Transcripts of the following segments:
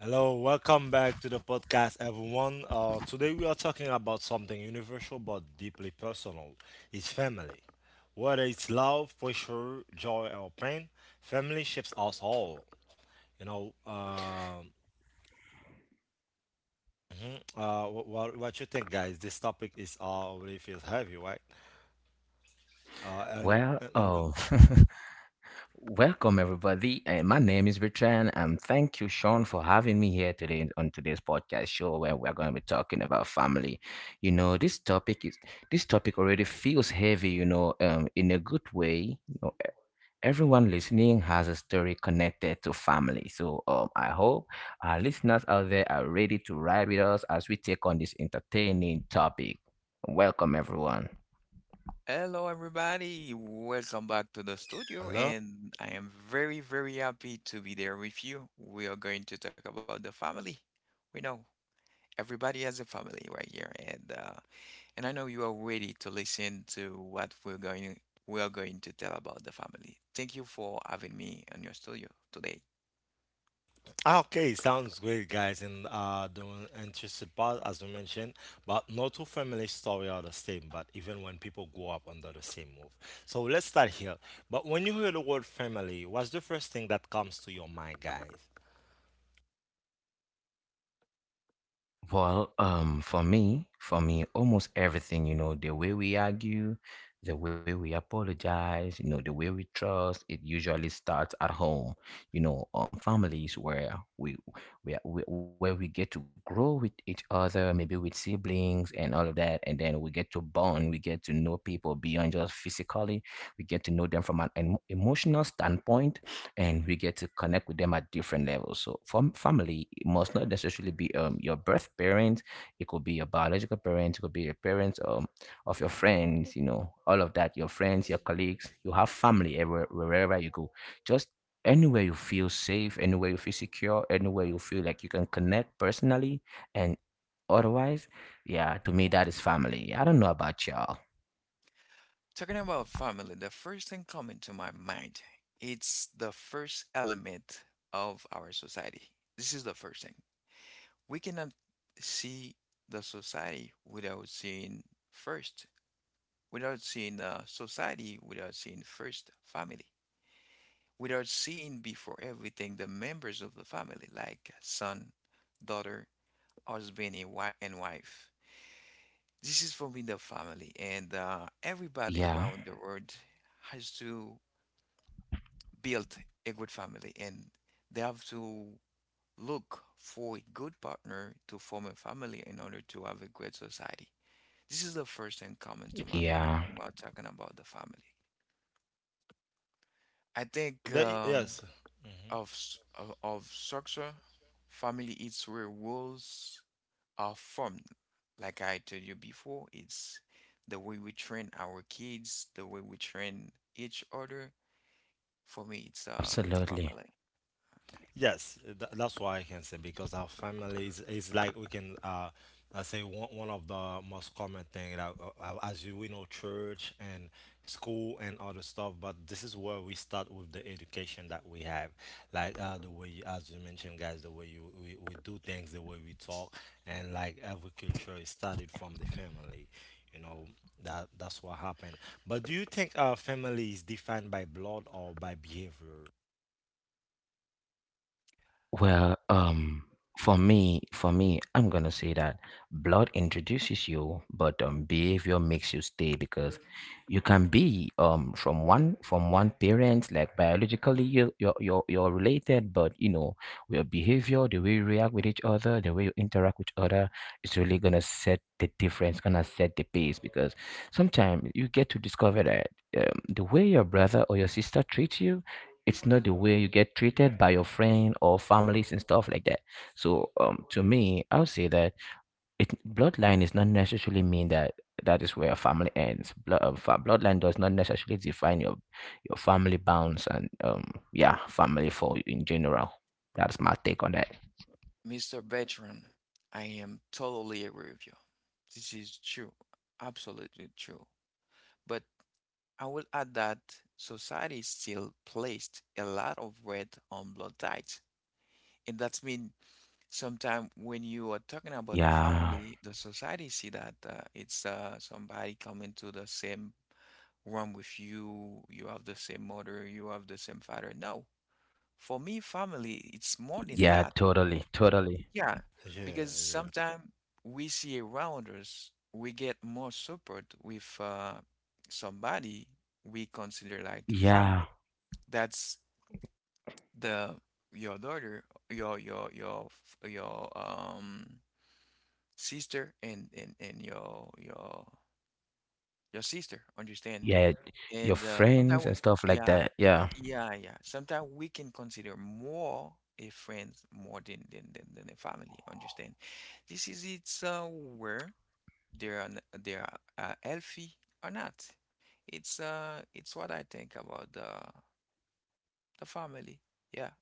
Hello, welcome back to the podcast, everyone. Today we are talking about something universal but deeply personal. It's family. Whether it's love, pressure, joy, or pain, family shapes us all. You know, um, what you think, guys? This topic is already feels heavy, right? Uh, and, Well, and, and- oh, Welcome everybody. My name is Richard, and thank you, Sean, for having me here today on today's podcast show where we're going to be talking about family. You know, this topic is this topic already feels heavy, you know, in a good way. Everyone listening has a story connected to family. So I hope our listeners out there are ready to ride with us as we take on this entertaining topic. Welcome, everyone. Hello, everybody. Welcome back to the studio, Hello. and I am very, very happy to be there with you. We are going to talk about the family. We know everybody has a family right here, and I know you are ready to listen to what we're going we are going to tell about the family. Thank you for having me on your studio today. Okay, sounds great, guys. And The interesting part, as we mentioned, but no two family story are the same. But even when people grow up under the same roof, so let's start here. But when you hear the word family, what's the first thing that comes to your mind, guys? Well, for me, almost everything, you know, the way we argue, the way we apologize, you know, the way we trust, it usually starts at home, you know, families where where we get to grow with each other, maybe with siblings and all of that, and then we get to bond, we get to know people beyond just physically, we get to know them from an emotional standpoint, and we get to connect with them at different levels. So, from family, it must not necessarily be your birth parents. It could be your biological parents. It could be your parents of your friends. You know, all of that. Your friends, your colleagues. You have family everywhere, wherever you go. Just anywhere you feel safe, anywhere you feel secure, anywhere you feel like you can connect personally and otherwise. Yeah, to me that is family. I don't know about y'all. Talking about family, the first thing coming to my mind, it's the first element of our society. This is the first thing. We cannot see the society without seeing first, without seeing the society, without seeing first family, without seeing before everything the members of the family, like son, daughter, husband, and wife. This is for me the family, and everybody Yeah, around the world has to build a good family, and they have to look for a good partner to form a family in order to have a great society. This is the first thing coming to my yeah, mind when we're talking about the family. I think Yes. of, s- of structure, family it's where rules are formed. Like I told you before, it's the way we train our kids, the way we train each other. For me, it's absolutely. family. Yes, that's why I can say because our family is like we can I say one of the most common thing that, as you we know, church and school and other stuff, but this is where we start with the education that we have, like the way, as you mentioned, guys, the way we do things, the way we talk, and like every culture is started from the family, you know, that's what happened. But do you think our family is defined by blood or by behavior? Well, for me, I'm gonna say that blood introduces you, but behavior makes you stay because you can be from one parent, like biologically you're related, but you know your behavior, the way you react with each other, the way you interact with other, is really gonna set the difference, gonna set the pace because sometimes you get to discover that the way your brother or your sister treats you, it's not the way you get treated by your friend or families and stuff like that. So to me, I would say that it bloodline is not necessarily mean that that is where your family ends. Bloodline does not necessarily define your family bounds and yeah, family for you in general. That's my take on that. Mr. Bertrand, I am totally agree with you. This is true, absolutely true. But I will add that society still placed a lot of weight on blood types, and that means. Sometimes when you are talking about the Yeah, family, the society see that it's somebody coming to the same room with you, you have the same mother, you have the same father. No, for me, family, it's more than yeah, that. totally, totally. Yeah, Yeah, because Yeah, sometimes we see around us, we get more support with somebody we consider like family. Yeah, That's the your daughter, your your your your sister and your sister understand yeah, and your sometimes friends and stuff like yeah that. Yeah, yeah, sometimes we can consider more a friend more than a family understand this is it's where they are healthy or not it's it's what I think about the family. Yeah,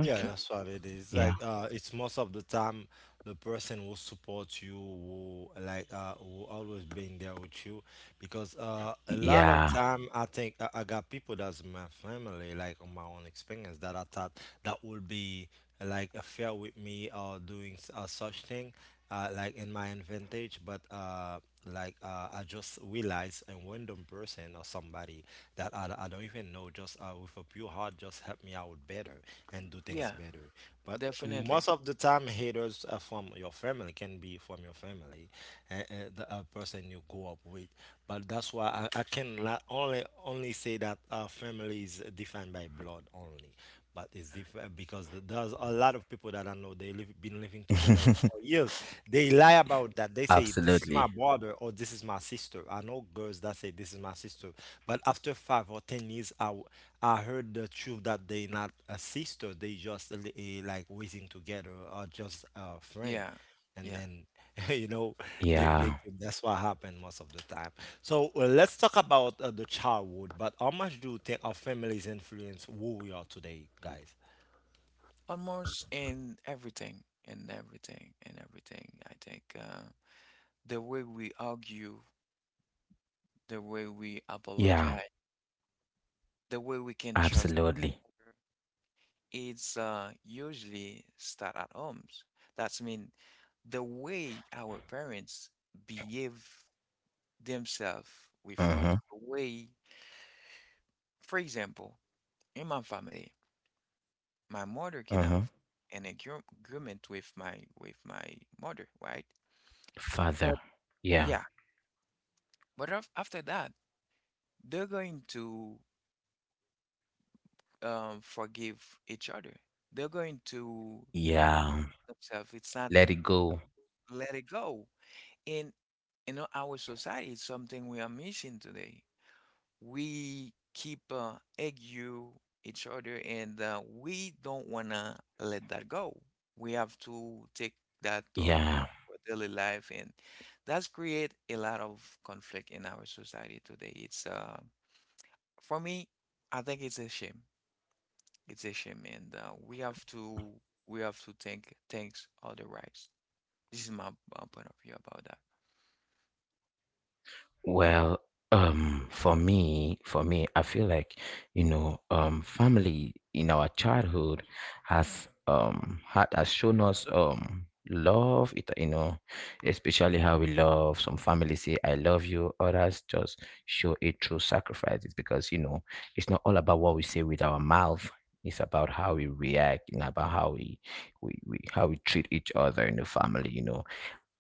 Yeah, okay. yeah, that's what it is. Like, Yeah, it's most of the time the person will support you, will like, will always being there with you, because a lot of yeah. time I think I got people that's in my family, like on my own experience, that I thought that would be like a fair with me or such thing, like in my advantage, but I just realized a random person or somebody that I don't even know just with a pure heart just help me out better and do things yeah, better. But most definitely, of the time, haters are from your family, can be from your family, and, and the person you grew up with. But that's why I can only say that our family is defined by blood only. But it's different because there's a lot of people that I know they live been living together for years, they lie about that. They say this is my Absolutely. brother or this is my sister. I know girls that say this is my sister, but after 5 or 10 years, I heard the truth that they not a sister. They just like raising together or just a friend, yeah, and yeah. then you know Yeah, they, that's what happened most of the time. So well, let's talk about the childhood. But how much do you think our families influence who we are today, guys? Almost in everything, in everything, in everything. I think the way we argue, the way we yeah, apologize, the way we can trust absolutely. other, it's usually start at homes. That's mean the way our parents behave themselves with us. Mm-hmm, The way, for example, in my family, my mother can mm-hmm. have an agreement with my mother, right? Father, But yeah, yeah, but after that, they're going to forgive each other. They're going to yeah, themselves. It's not let it it's go. let it go. In our society, it's something we are missing today. We keep argue each other, and we don't wanna let that go. We have to take that Yeah. On our daily life, and that's create a lot of conflict in our society today. It's for me, I think it's a shame. It's a shame, and we have to think things otherwise. This is my point of view about that. Well, for me, I feel like, family in our childhood has shown us love. Especially how we love. Some families say I love you, others just show it through sacrifices because you know it's not all about what we say with our mouth. It's about how we react and about how we how we treat each other in the family, you know.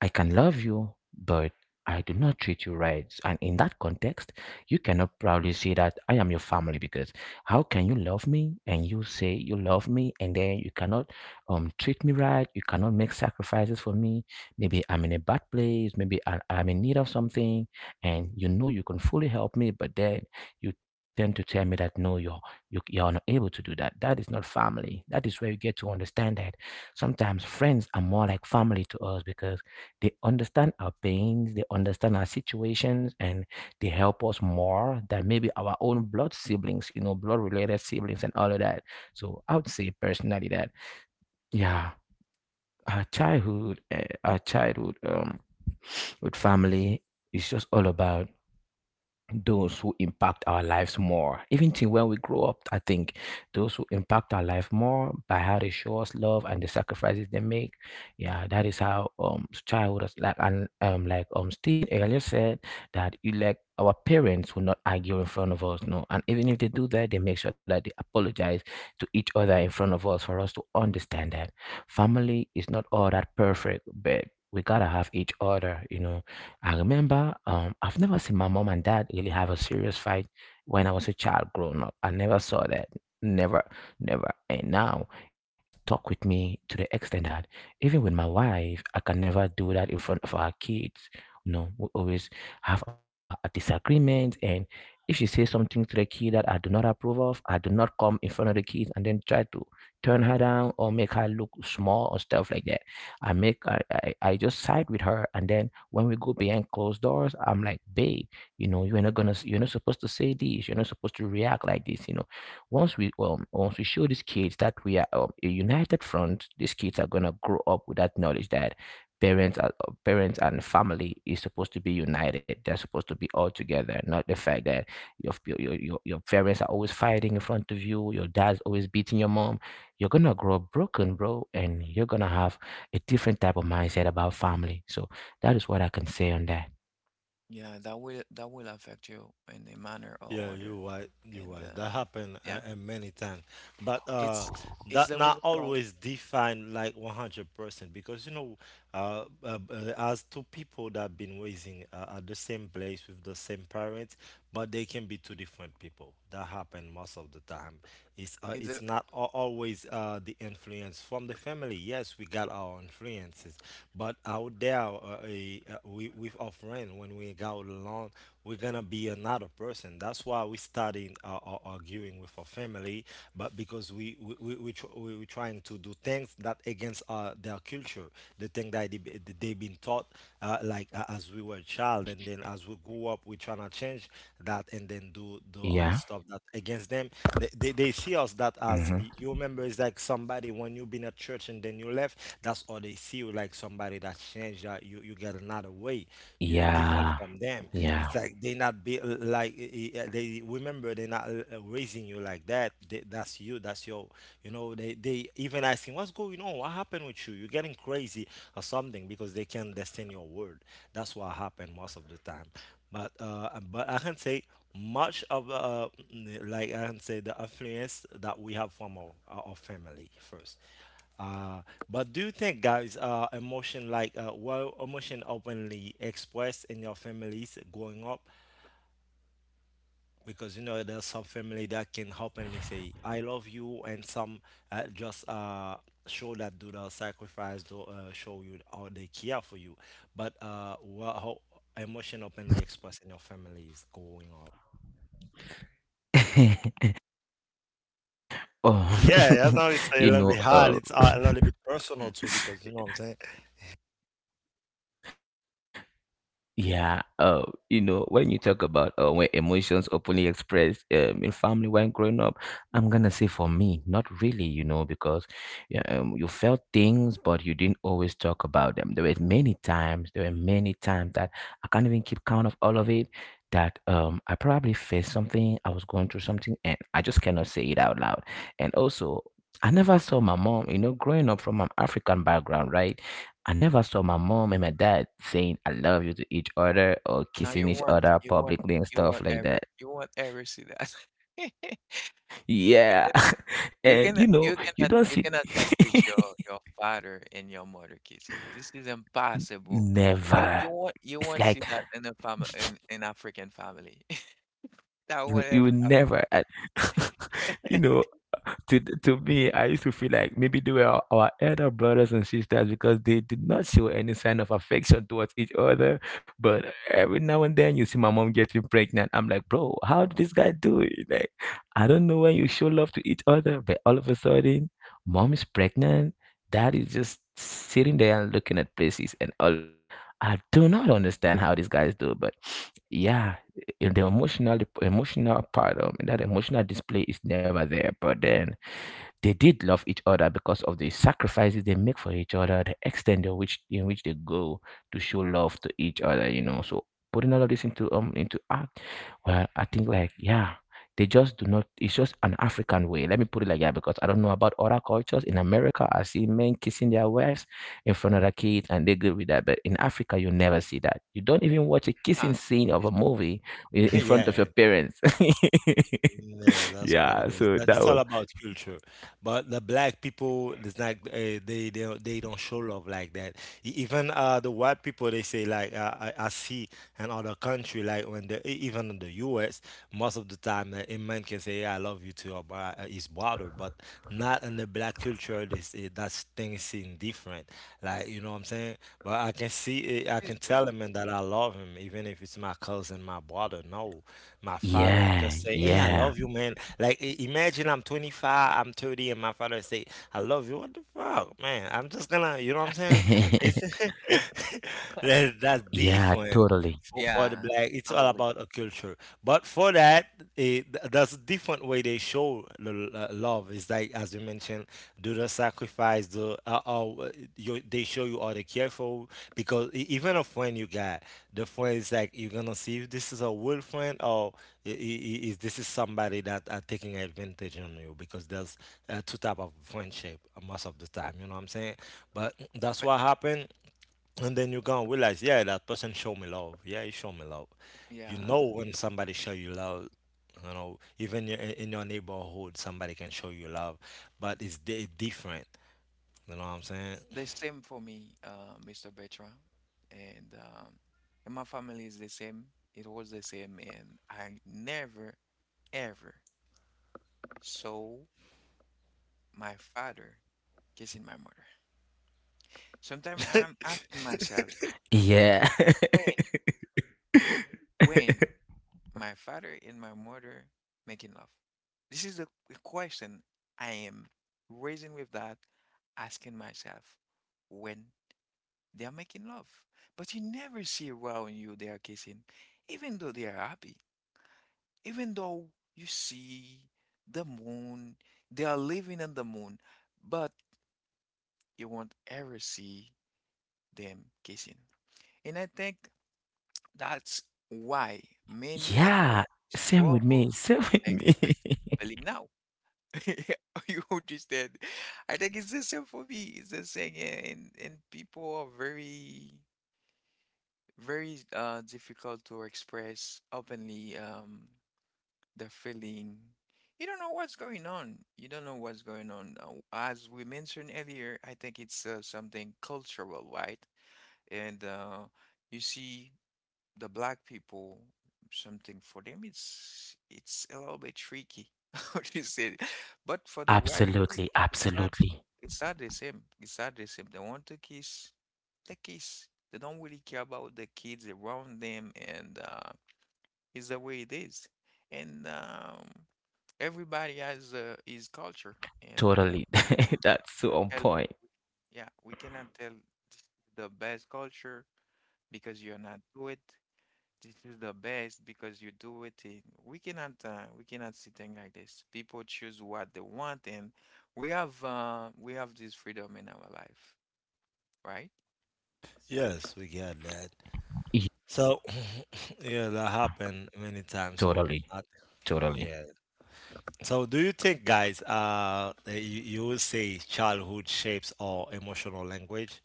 I can love you, but I do not treat you right. And in that context, you cannot proudly say that I am your family because how can you love me and you say you love me and then you cannot treat me right, you cannot make sacrifices for me. Maybe I'm in a bad place, maybe I'm in need of something, and you know you can fully help me, but then you tend to tell me that no, you're not able to do that. That is not family. That is where you get to understand that sometimes friends are more like family to us because they understand our pains, they understand our situations, and they help us more than maybe our own blood siblings, you know, blood related siblings and all of that. So I would say personally that, yeah, our childhood with family is just all about those who impact our lives more. Even till when we grow up, I think those who impact our life more by how they show us love and the sacrifices they make. Yeah, that is how childhood is like, and Stephen earlier said that you like our parents will not argue in front of us, no. And even if they do that, they make sure that they apologize to each other in front of us for us to understand that family is not all that perfect, but we gotta have each other, you know. I remember I've never seen my mom and dad really have a serious fight when I was a child growing up. I never saw that. Never, never. And now it has stuck with me to the extent that even with my wife, I can never do that in front of our kids. No, we always have our disagreements. And if she says something to the kid that I do not approve of, I do not come in front of the kids and then try to turn her down or make her look small or stuff like that. I make I just side with her, and then when we go behind closed doors, I'm like, babe, you know, you're not supposed to say this. You're not supposed to react like this. You know, once we show these kids that we are a united front, these kids are gonna grow up with that knowledge that parents and family is supposed to be united. They're supposed to be all together, not the fact that your f- your parents are always fighting in front of you. Your dad's always beating your mom. You're gonna grow up broken, bro, and you're gonna have a different type of mindset about family. So that is what I can say on that. Yeah, that will affect you in a manner Yeah, or other, you right. You and right. That happened yeah, many times, but it's it's that the not reason why always define like 100% because you know, as two people that been raising at the same place with the same parents, but they can be two different people. That happen most of the time. It's It's a. not always the influence from the family. Yes, we got our influences, but out there, we with our friend when we go alone, we're gonna be another person. That's why we started arguing with our family, but because we, tr- we trying to do things that against their culture, the thing that they been taught as we were a child, and then as we grew up, we trying to change that, and then do other Yeah. stuff that against them. They see us that, as Hmm. you remember, it's like somebody when you been at church and then you left. That's all, they see you like somebody that changed. That you get another way. You're different Yeah. from them. Yeah. It's like they not be they remember, they're not raising you like that. That's you. That's your. You know, they even asking what's going on. What happened with you? You're getting crazy or something because they can't understand your word. That's what happened most of the time. But I can say much of like I can say the influence that we have from our family first. Uh, but do you think, guys, emotion openly expressed in your families growing up? Because you know there's some family that can openly say "I love you," and some just show that, do the sacrifice to show you how they care for you. But how emotion openly expressed in your families growing up? Oh, Yeah, I know it's a you little bit know, hard. uh, It's a little bit personal Hmm. too, because you know what I'm saying. yeah, you know, when you talk about when emotions openly expressed in family when growing up, I'm gonna say for me, not really, you know, because yeah, you felt things, but you didn't always talk about them. There were many times that I can't even keep count of all of it. That I probably faced something, I was going through something, and I just cannot say it out loud. And also, I never saw my mom, you know, growing up from an African background, right? I never saw my mom and my dad saying I love you to each other or Now kissing you each want other publicly and stuff like that. you want ever see that. Yeah. You And cannot, you know, you you cannot, don't you see. cannot catfish your father and your mother kissing. This is impossible. C- You Never. you won't It's see like, that in a family, in an African family. That You won't you ever would never, and you happen. know, to me, I used to feel like maybe they were our elder brothers and sisters because they did not show any sign of affection towards each other. But every now and then, you see my mom getting pregnant. I'm like, bro, how did this guy do it? Like, I don't know when you show love to each other, but all of a sudden, mom is pregnant. Dad is just sitting there and looking at places and all of that. I do not understand how these guys do, but yeah, the emotional part of that emotional display is never there. But then they did love each other because of the sacrifices they make for each other, the extent in which they go to show love to each other, you know. So putting all of this into act, well, I think like yeah, they just do not. It's just an African way. Let me put it like that because I don't know about other cultures in America. I see men kissing their wives in front of their kids, and they good with that. But in Africa, you never see that. You don't even watch a Yeah, kissing scene of this a is movie in front of your Yeah. parents. Yeah, that's true. what it Yeah, Yeah, is. so That that. it's all about culture. But the black people, it's like they don't show love like that. Even the white people, they say like I see, and other country like when even in the US most of the time a man can say, yeah, I love you to your his brother, but not in the black culture, that thing is seen different, like, you know what I'm saying? But I can see it, this I is can tell true. him and that I love him even if it's my cousin, my brother. No, my father Yeah, just say, hey, I yeah. love you, man. Like, imagine I'm 25, I'm 30, and my father say, I love you. What the fuck, man? I'm just gonna, you know what I'm saying, it's that's Yeah, different totally. For the Yeah, black, it's all absolutely. about a culture, but for that, eh, th that's a different way they show the love. It's like, as you mentioned, do the sacrifice, they show you are the careful, because even a friend you got, the friend is like, you're gonna see if this is a real friend or I- is this is somebody that are taking advantage on you, because there's two type of friendship most of the time, you know what I'm saying? But that's But what happened, and then you're gonna realize, yeah, that person show me love. Yeah, he show me love. You yeah, know when somebody show you love, you know, even in your neighborhood, somebody can show you love, but it's different. You know what I'm saying? the same for me, Mr. Bertrand, and um, and my family is the same. It was the same, and I never ever saw my father kissing my mother. Sometimes I'm asking myself, Yeah. when, when my father and my mother making love? This is the question I am raising with that, asking myself when they are making love. But you never see around you they are kissing, even though they are happy, even though you see the moon, they are living on the moon, but you won't ever see them kissing. And I think that's why many Yeah, adults same with me. struggle Same to with me. express feeling now. You understand? I think it's the same for me. It's the same, eh, and people are very, very difficult to express openly the feeling. You don't know what's going on. You don't know what's going on. As we mentioned earlier, I think it's something cultural, right? And you see the black people something for them it's a little bit tricky what you said, but for the white Absolutely, people absolutely. it's not the same, it's not the same, they want to kiss, they kiss, they don't really care about the kids around them, and it's the way it is, and everybody has his culture, and Totally. That's cannot so tell on point. yeah we cannot tell this is the best culture because you're not do it, this is the best because you do it in, we cannot see things like this. People choose what they want and we have this freedom in our life, right? Yes, we get that. Yeah, So yeah, that happened many times. Totally, totally. Yeah. So do you think, guys, you would say childhood shapes our emotional language?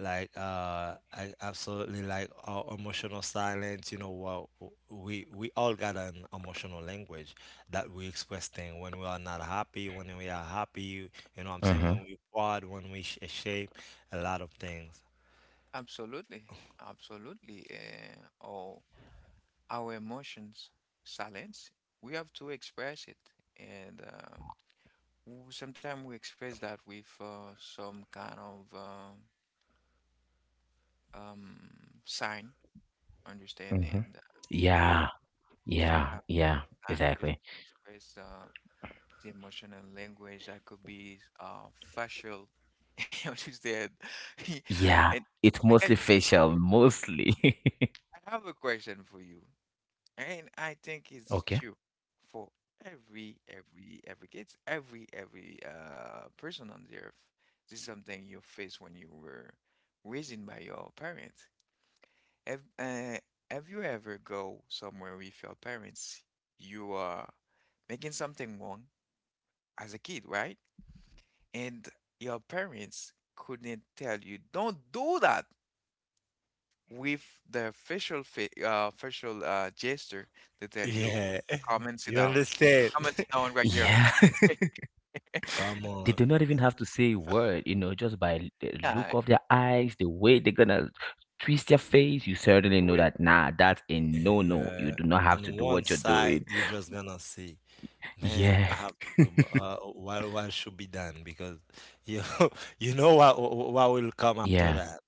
Like I absolutely like our emotional silence, you know what, we all got an emotional language that we express thing, when we are not happy, when we are happy, you know what I'm Mm-hmm. saying, when we proud, when we shape a lot of things. Absolutely. Absolutely. All our emotions, silence, we have to express it. And sometimes we express that with some kind of um, sign, understanding, Mm-hmm. and, Yeah. some Yeah, kind yeah, of sign, just exactly. express. The emotional language that could be facial, which is there. Yeah, And it's I, mostly I facial, mostly. I have a question for you, and I think it's Okay. true for every it's every person on the earth. This is something you face when you were raised by your parents. Have uh, have you ever go somewhere with your parents? You are making something wrong as a kid, right? And your parents couldn't tell you don't do that with the facial gesture they tell you Yeah. come and sit You down, understand? Right here. Yeah, Come they on. do not even have to say a word, you know, just by the Yeah, look of their eyes, the way they're gonna twist their face, you certainly know was- that, nah, that's a no-no. You Yeah, do not have to on do one what you're side doing. you're just gonna see, man, Yeah, I have to do what should be done because you you know what will come after yeah, that.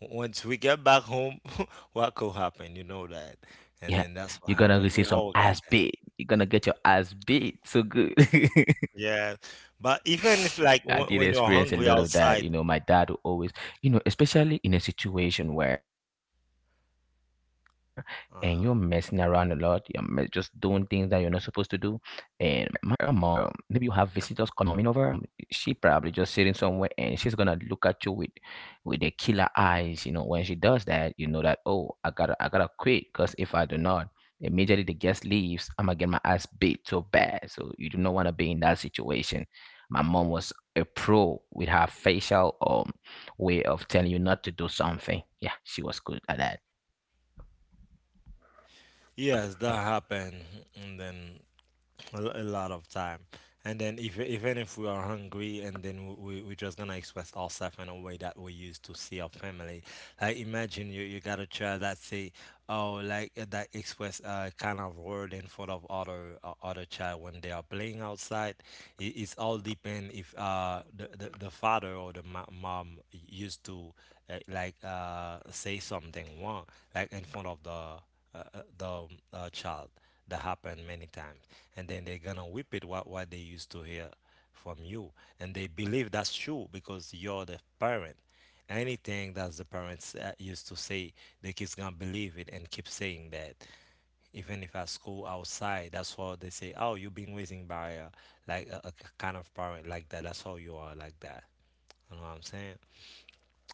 Once we get back home, what could happen? You know that, and yeah. then that's what You're gonna happened. receive We some all got ass that. beat. You're gonna get your ass beat so good. Yeah, but even if like I did when you're experience a hungry lot of that. outside. You know, my dad would always, you know, especially in a situation where maybe you have visitors coming over and Uh-huh. you're messing around a lot, just doing things that you're not supposed to do. And my mom, she probably just sitting somewhere and she's gonna look at you with the killer eyes. You know, when she does that, you know that oh, I gotta quit because if I do not, immediately the guest leaves, I'm gonna get my ass beat so bad. So you do not want to be in that situation. My mom was a pro with her facial way of telling you not to do something. Yeah, she was good at that. Yes, that happened, and then a lot of time, and then if even if we are hungry, and then we're just gonna express ourselves in a way that we used to see our family. Like, imagine you got a child that say, oh, like that express kind of word in front of other child when they are playing outside. It's all depend if the father or the mom used to say something wrong like in front of the child. That happened many times. And then they're gonna whip it, what they used to hear from you. And they believe that's true because you're the parent. Anything that the parents used to say, the kids gonna believe it and keep saying that, even if at school outside, that's what they say, oh, you've been raising by like a kind of parent like that, that's how you are like that. You know what I'm saying?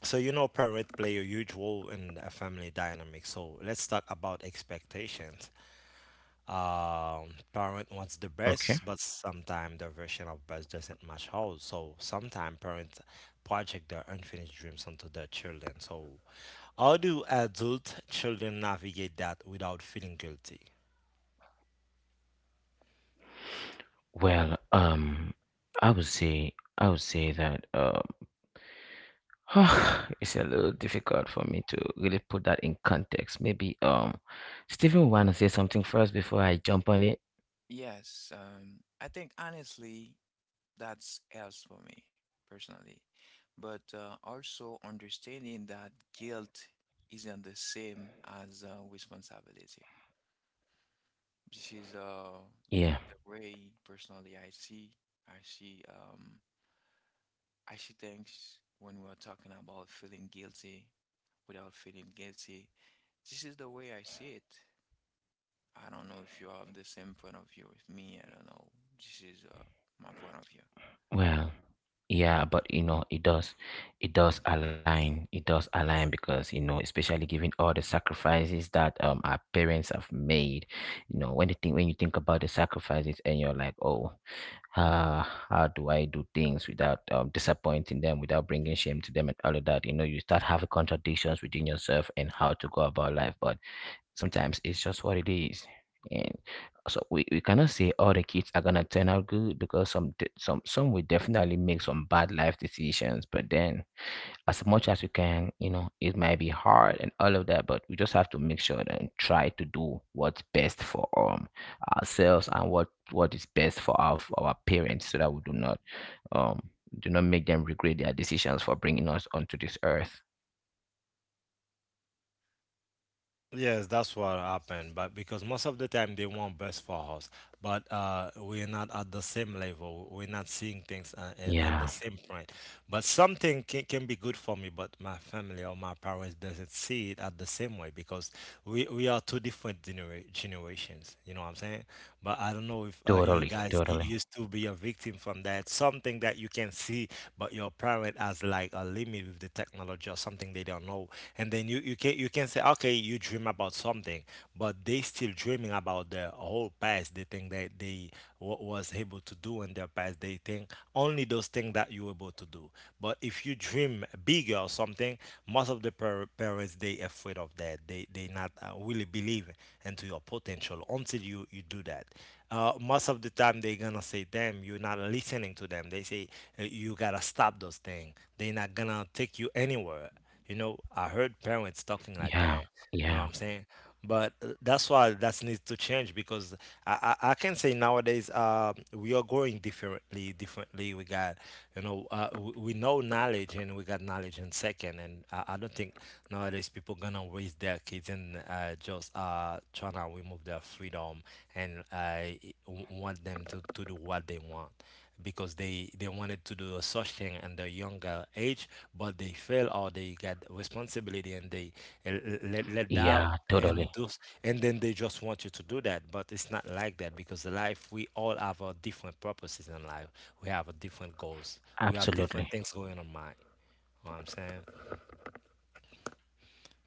So you know, parents play a huge role in a family dynamic. So let's talk about expectations. Parent wants the Okay. best, but sometimes their version of best doesn't match how. So sometimes parents project their unfinished dreams onto their children. So how do adult children navigate that without feeling guilty? Well, I would say that it's a little difficult for me to really put that in context. Maybe Stephen want to say something first before I jump on it. yes, I think honestly that's else for me personally, but also understanding that guilt isn't the same as responsibility. This is Yeah. the way personally I see, I see um I see things when we're talking about feeling guilty without feeling guilty. This is the way I see it. I don't know if you have the same point of view with me. I don't know. This is my point of view. Well, yeah, but you know, it does align. It does align because you know, especially given all the sacrifices that our parents have made, you know, when you think about the sacrifices and you're like, oh, how do I do things without disappointing them, without bringing shame to them and all of that, you know, you start having contradictions within yourself and how to go about life. But sometimes it's just what it is, and so we cannot say all the kids are gonna turn out good because some will definitely make some bad life decisions. But then as much as we can, you know, it might be hard and all of that, but we just have to make sure and try to do what's best for ourselves, and what is best for our parents, so that we do not um do not make them regret their decisions for bringing us onto this earth. Yes, that's what Yes. happened. But because most of the time they want best for us, but we're not at the same level. We're not seeing things on the Yeah, same point. But something can be good for me, but my family or my parents doesn't see it at the same way because we are two different generations. You know what I'm saying? But I don't know if totally. you guys Totally. Used to be a victim from that. Something that you can see, but your parent has like a limit with the technology or something they don't know, and then you can say okay, you dream about something, but they still dreaming about their whole past. They think that they what was able to do in their past, they think only those things that you were able to do. But if you dream bigger or something, most of the parents, they afraid of that. They not really believe into your potential until you do that. Most of the time they're gonna say, damn, you're not listening to them. They say you gotta stop those things, they're not gonna take you anywhere. You know, I heard parents talking like Yeah. that. You know what Yeah. I'm saying? But that's why that needs to change, because I can say nowadays we are growing differently. Differently, we got, you know, we knowledge, and we got knowledge in second. And I don't think nowadays people gonna raise their kids and just trying to remove their freedom and want them to do what they want, because they wanted to do such thing at their younger age, but they fail or they got responsibility and they uh, let down. Yeah, totally. And those and then they just want you to do that, but it's not like that, because the life, we all have our different purposes in life. We have a different goals. We have different Absolutely. things going on mind. You know what I'm saying?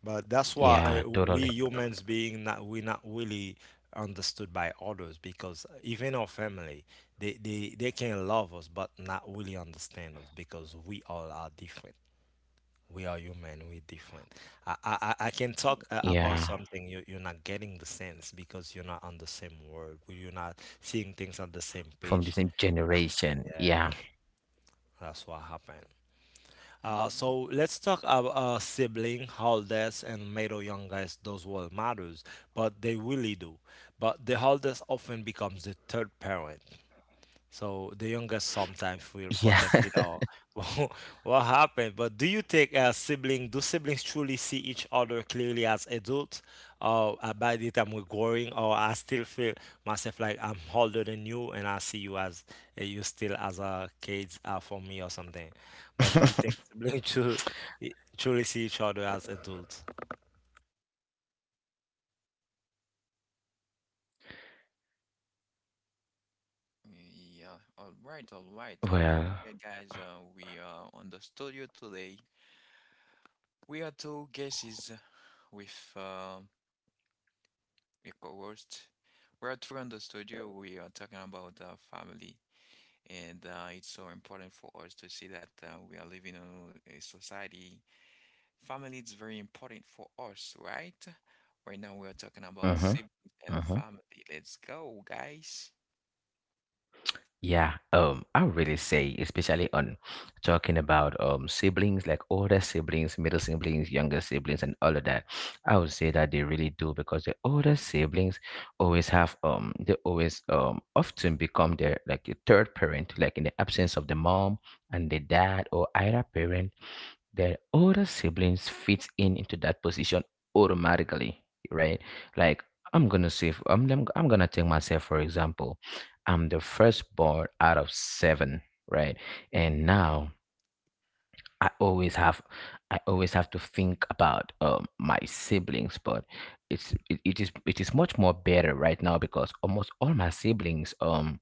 But that's why Yes. Yeah, we totally. humans being, not we not really understood by others, because even our family, they can love us but not really understand us, because we all are different. We are human. We're different. I I can talk about Yeah. something, you you're not getting the sense because you're not on the same word. You're not seeing things on the same From the page. same generation. Yeah, Yeah. that's what happened. Mm-hmm. So let's talk about sibling, holidays, and middle youngest. Those were matters, but they really do. But the holidays often becomes the third parent. So the youngest sometimes will Yeah. protect, you know, what happened. But do you think do siblings truly see each other clearly as adults? Or by the time we're growing, or I still feel myself like I'm older than you and I see you as you still as a kid for me or something. But do you think siblings truly, truly see each other as adults? Yeah. All right. All right. Well, Okay, guys, we are on the studio today. We are two guests with. A co-host. We're at Toronto Studio. We are talking about family, and it's so important for us to see that we are living in a society. Family is very important for us, right? Right now, we are talking about mm-hmm, siblings and mm-hmm. family. Let's go, guys. Yeah, I would really say, especially on talking about siblings, like older siblings, middle siblings, younger siblings, and all of that, I would say that they really do, because the older siblings always have they always often become their like the third parent, like in the absence of the mom and the dad, or either parent. Their older siblings fit in into that position automatically, right? Like, I'm gonna say, I'm gonna take myself for example. I'm the firstborn out of seven, right? And now I always have I always have to think about my siblings, but it is much more better right now because almost all my siblings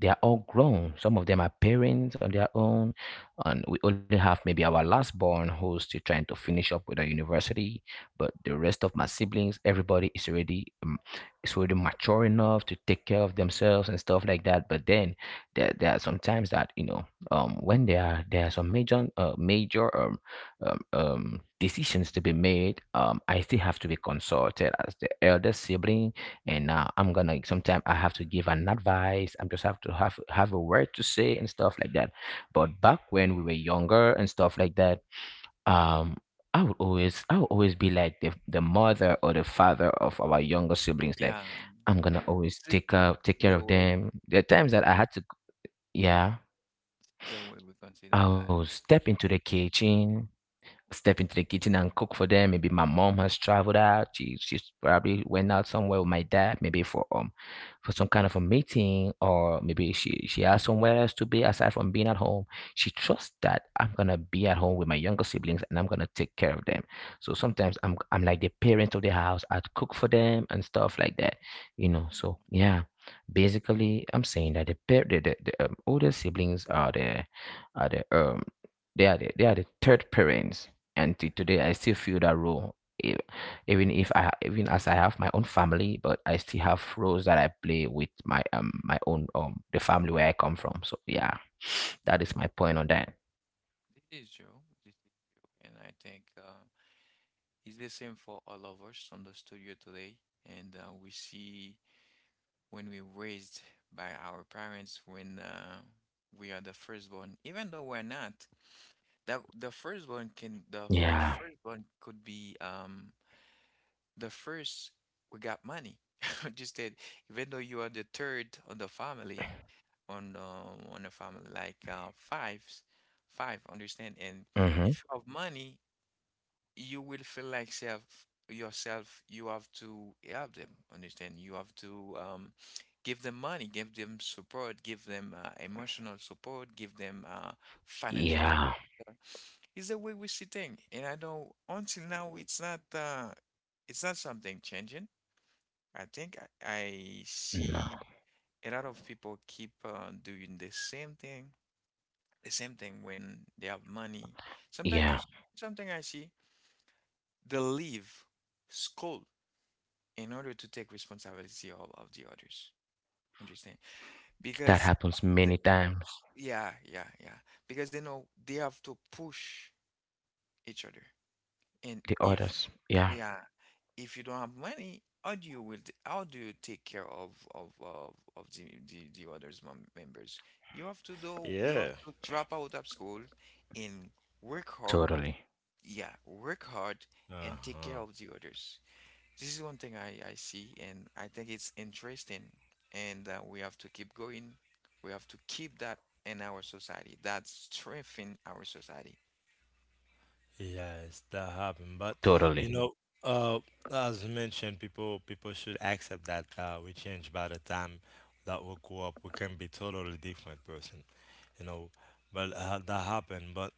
they are all grown. Some of them are parents on their own, and we only have maybe our last born, who's still trying to finish up with a university. But the rest of my siblings, everybody is already mature enough to take care of themselves and stuff like that. But then there are some times that you know when there are some major decisions to be made. I still have to be consulted as the elder sibling, and I'm gonna sometimes I have to give an advice. I'm just have to have a word to say and stuff like that. But back when we were younger and stuff like that, um, I would always be like the mother or the father of our younger siblings. Like, Yeah, I'm gonna always this is take care the of way them. There are times that I had to, yeah, the way we consider I'll that. step into the kitchen, and cook for them. Maybe my mom has traveled out. She's probably went out somewhere with my dad, maybe for some kind of a meeting, or maybe she has somewhere else to be aside from being at home. She trusts that I'm gonna be at home with my younger siblings and I'm gonna take care of them. So sometimes I'm like the parent of the house. I'd cook for them and stuff like that, you know. So yeah, basically, I'm saying that the older siblings are the are the um they are the third parents, and till today I still feel that role. E- Even if I ha- even as I have my own family, but I still have roles that I play with my my own the family where I come from. So yeah, that is This my point on that. is true. This is true. This is true. And I think it's the same for all of us on the studio today. And we see when we raised by our parents when we are the firstborn. Even though we're not, that the firstborn can the Yeah. the firstborn could be the first we got money. Just that even though you are the third on the family on the family like fives, five understand and Mm-hmm. if you have money you will feel like self yourself you have to help them, understand, you have to give them money, give them support, give them emotional support, give them financial Yeah. support, is the way we see things, and I know until now it's not something changing. I think I No. see a lot of people keep doing the same thing when they have money, sometimes Yeah. you something I see they leave school in order to take responsibility all of the others. Understand? That Because happens th- many times. yeah, yeah, yeah. Because you know they have to push each other. And The if others. Yeah. yeah, if you don't have money, how do how do you take care of of the, the others members? You have to do you Yeah. have to drop out of school and work hard. Totally. Yeah, work hard and take care Uh-huh. of the others. This is one thing I see, and I think it's interesting. And we have to keep going. We have to keep that in our society. That strengthen our society. Yes, that happened. But you know, Totally. uh, as mentioned, people should accept that we change by the time that we grow up. We can be totally different person, you know. But that happened. But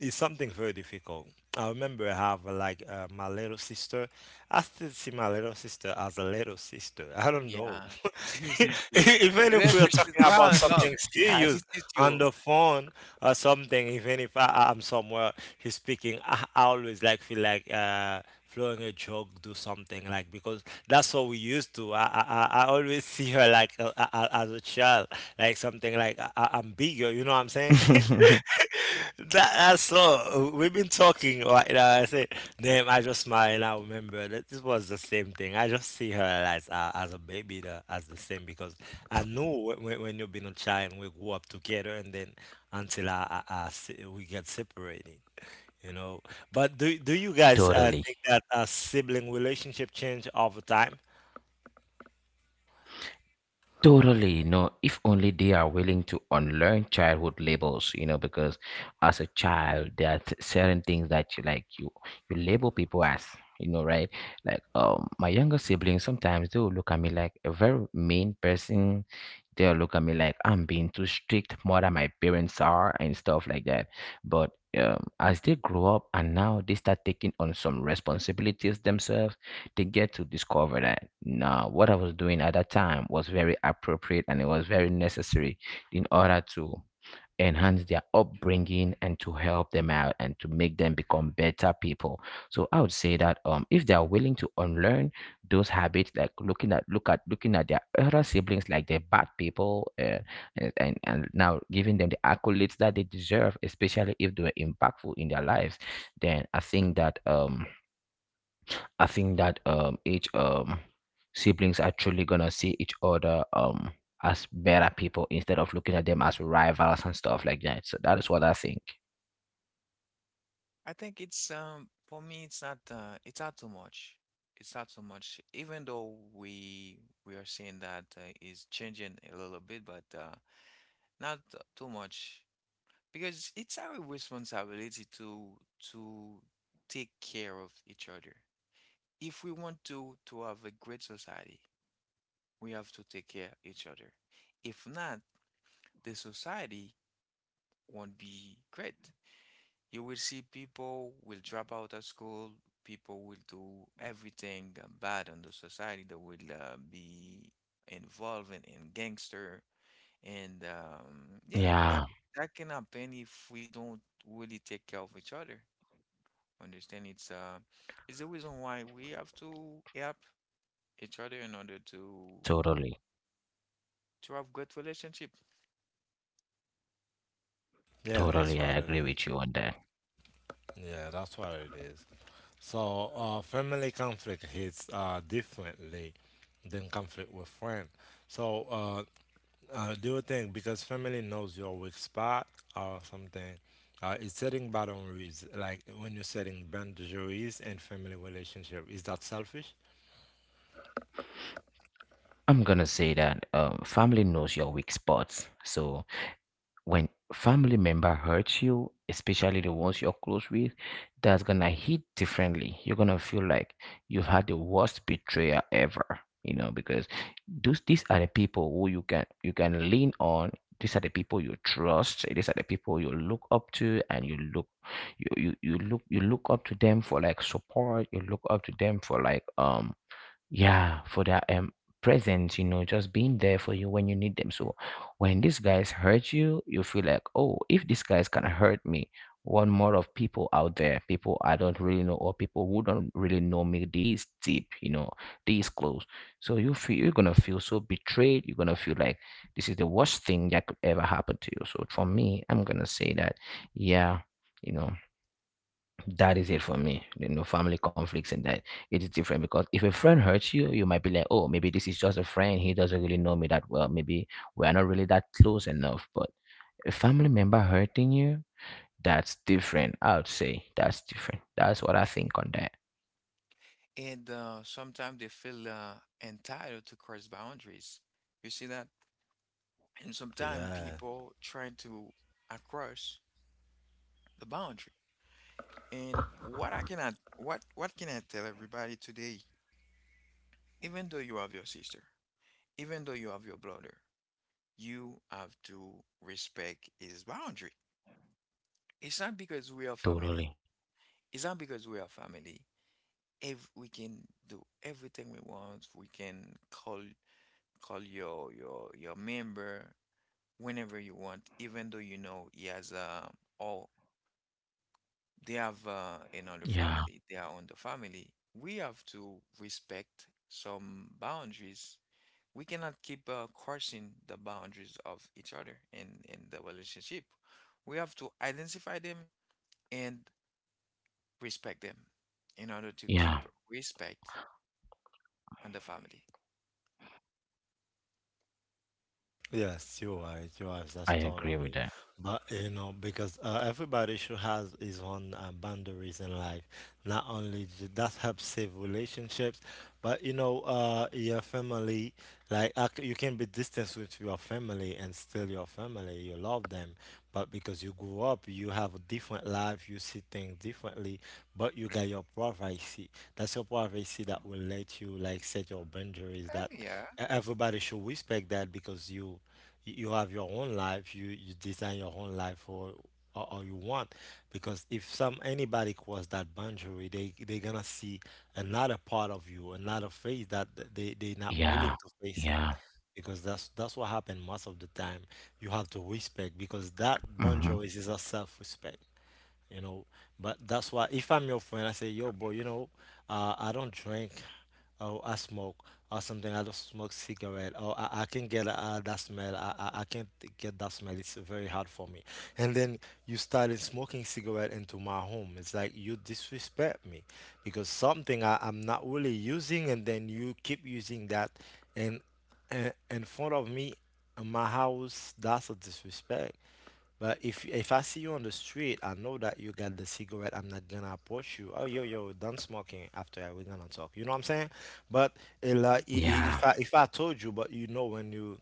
it's something very difficult. I remember I have my little sister. I still see my little sister as a little sister. I don't know. Yeah, this is true. Even Even if though we are she's talking about growing up, something yeah, this serious is on true. the phone or something, even if I'm somewhere, he's speaking, I always like feel like throwing a joke, do something like because that's what we used to. I I always see her like as a child, like something like I'm bigger. You know what I'm saying? That that's so. We've been talking right now. I say, damn, I just smile and I remember that this was the same thing. I just see her as a baby, the, as the same, because I know when, when you've been a child, we grew up together, and then until we get separated, you know. But do you guys Totally. think that a sibling relationship change over time? Totally, no, if only they are willing to unlearn childhood labels, you know, because as a child, there are certain things that you label people as, you know, right? Like my younger siblings sometimes they will look at me like a very mean person, they'll look at me like I'm being too strict, more than my parents are, and stuff like that. But as they grow up and now they start taking on some responsibilities themselves, they get to discover that now what I was doing at that time was very appropriate and it was very necessary in order to enhance their upbringing and to help them out and to make them become better people. So I would say that if they are willing to unlearn those habits, like looking at their elder siblings like they're bad people, and, and now giving them the accolades that they deserve, especially if they were impactful in their lives, then I think that each siblings actually gonna see each other as better people instead of looking at them as rivals and stuff like that. So that is what I think. I think it's for me it's not too much. It's not so much, even though we are seeing that is changing a little bit, but not too much, because it's our responsibility to take care of each other. If we want to have a great society, we have to take care of each other. If not, the society won't be great. You will see people will drop out of school, people will do everything bad on the society. They will be involved in gangster and yeah, Yeah, that that can happen if we don't really take care of each other. Understand, it's the reason why we have to help each other in order to totally. to have good relationship, Yeah, right? that's Totally, I what it agree is. with you on that. Yeah, that's what it is. So, family conflict hits differently than conflict with friend. So, do you think because family knows your weak spot or something, is setting boundaries, like when you're setting boundaries in family relationship, is that selfish? I'm gonna say that family knows your weak spots. So when family member hurts you, especially the ones you're close with, that's gonna hit differently. You're gonna feel like you've had the worst betrayal ever, you know, because those these are the people who you can lean on. These are the people you trust. These are the people you look up to, and you look you you, you look up to them for like support. You look up to them for like yeah, for their presence, you know, just being there for you when you need them. So when these guys hurt you, you feel like, oh, if these guys can hurt me, one more of people out there, people I don't really know, or people who don't really know me this deep, you know, this close. So you feel, you're gonna feel so betrayed, you're gonna feel like this is the worst thing that could ever happen to you. So for me, I'm gonna say that, yeah, you know, that is it for me. There are no family conflicts in that. It is different, because if a friend hurts you, you might be like, oh, maybe this is just a friend. He doesn't really know me that well. Maybe we are not really that close enough. But a family member hurting you, that's different. I would say that's different. That's what I think on that. And sometimes they feel entitled to cross boundaries. You see that? And sometimes Yeah. people try to cross the boundary. And what I cannot, what can I tell everybody today? Even though you have your sister, even though you have your brother, you have to respect his boundary. It's not because we are Totally. family. It's not because we are family. If we can do everything we want, we can call your member whenever you want, even though you know he has uh, or they have another Yeah. family, they are on the family. We have to respect some boundaries. We cannot keep crossing the boundaries of each other in the relationship. We have to identify them and respect them in order to Yeah. keep respect and the family. Yes, you're right. You're right. I That's agree with totally. that. But you know, because everybody should has his own boundaries in life. Not only that helps save relationships, but you know, your family. Like you can be distant with your family and still your family. You love them, but because you grew up, you have a different life. You see things differently, but you got your privacy. That's your privacy that will let you like set your boundaries. That Yeah. Everybody should respect that, because you have your own life. You design your own life for or you want, because if some anybody cross that boundary, they're gonna see another part of you, another face that they're not willing Yeah. to face it, Yeah. because that's what happened most of the time. You have to respect, because that Mm-hmm. boundary is a self-respect, you know. But that's why if I'm your friend, I say, yo, boy, you know, I don't drink, or I smoke, or something. I don't smoke cigarette, or I can get that smell. I I can't get that smell. It's very hard for me. And then you started smoking cigarette into my home. It's like you disrespect me, because something I'm not really using, and then you keep using that, and, and in front of me, in my house. That's a disrespect. But if I see you on the street, I know that you got the cigarette. I'm not gonna approach you. Oh, yo, yo, done smoking. After that, we're gonna talk. You know what I'm saying? But eh, Mm. like, Yeah. If I told you, but you know when you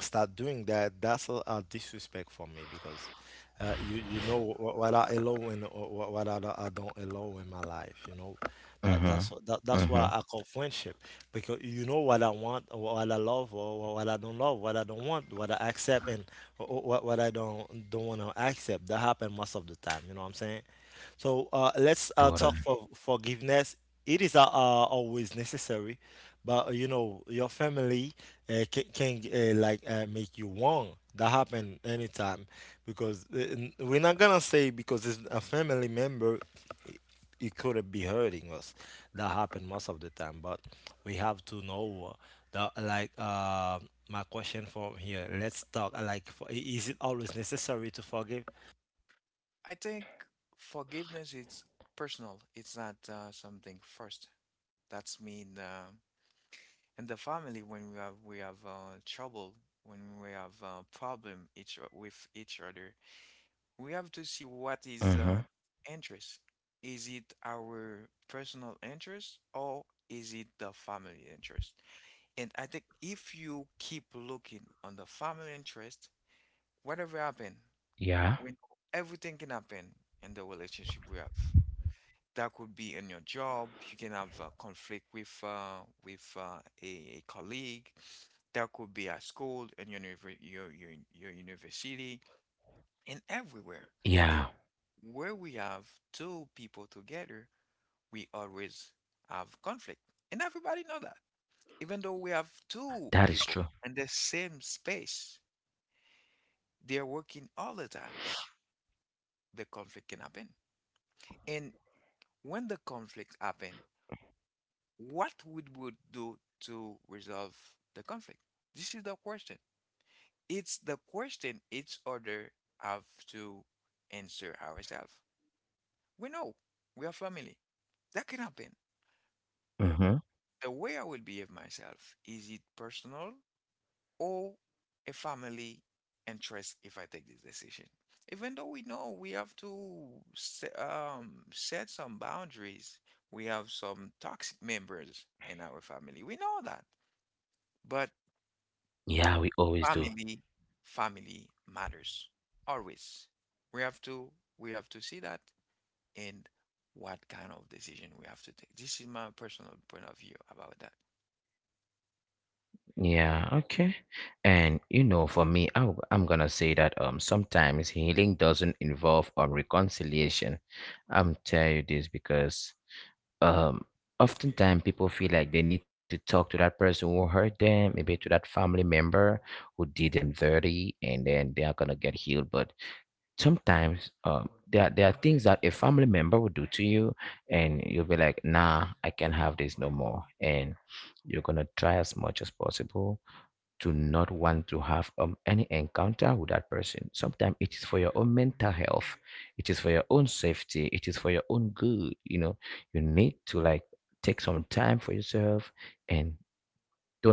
start doing that, that's a disrespect for me, because you you know what I allow and what I don't allow in my life. You know that Mm-hmm. That's why I Mm-hmm. call friendship, because you know what I want, or what I love, or what I don't love, what I don't want, what I accept, and what I don't want to accept. That happen most of the time. You know what I'm saying? So let's talk Totally. for forgiveness. It is always necessary, but you know your family can, like make you wrong. That happen anytime, because we're not gonna say because it's a family member, it, it could be hurting us. That happen most of the time, but we have to know that like my question from here, let's talk like for, is it always necessary to forgive? I think forgiveness is personal. It's not something first. That's mean in the family when we have trouble, when we have problem each o- with each other, we have to see what is Mm-hmm. Interest. Is it our personal interest or is it the family interest? And I think if you keep looking on the family interest, whatever happen. Yeah. We know everything can happen in the relationship we have. That could be in your job. You can have a conflict with a colleague. That could be at school, in your, univer- your university, and everywhere. Yeah. And where we have two people together, we always have conflict, and everybody know that. Even though we have That two is true. people in the same space, they're working all the time. The conflict can happen. And when the conflict happened, what we would do to resolve the conflict? This is the question. It's the question each other have to answer ourselves. We know we are family. That can happen. Mm-hmm. The way I will behave myself, is it personal or a family interest if I take this decision. Even though we know we have to se- set some boundaries, we have some toxic members in our family. We know that. But Yeah, we always do. family, family matters always. We have to we have to see that and what kind of decision we have to take. This is my personal point of view about that. Yeah, okay. And you know, for me, I'm gonna say that sometimes healing doesn't involve reconciliation. I'm telling you this because um oftentimes people feel like they need to talk to that person who hurt them, maybe to that family member who did them dirty, and then they are gonna get healed. But sometimes there are things that a family member would do to you, and you'll be like, nah, I can't have this no more. And you're gonna try as much as possible to not want to have any encounter with that person. Sometimes it is for your own mental health, it is for your own safety, it is for your own good, you know. You need to like take some time for yourself and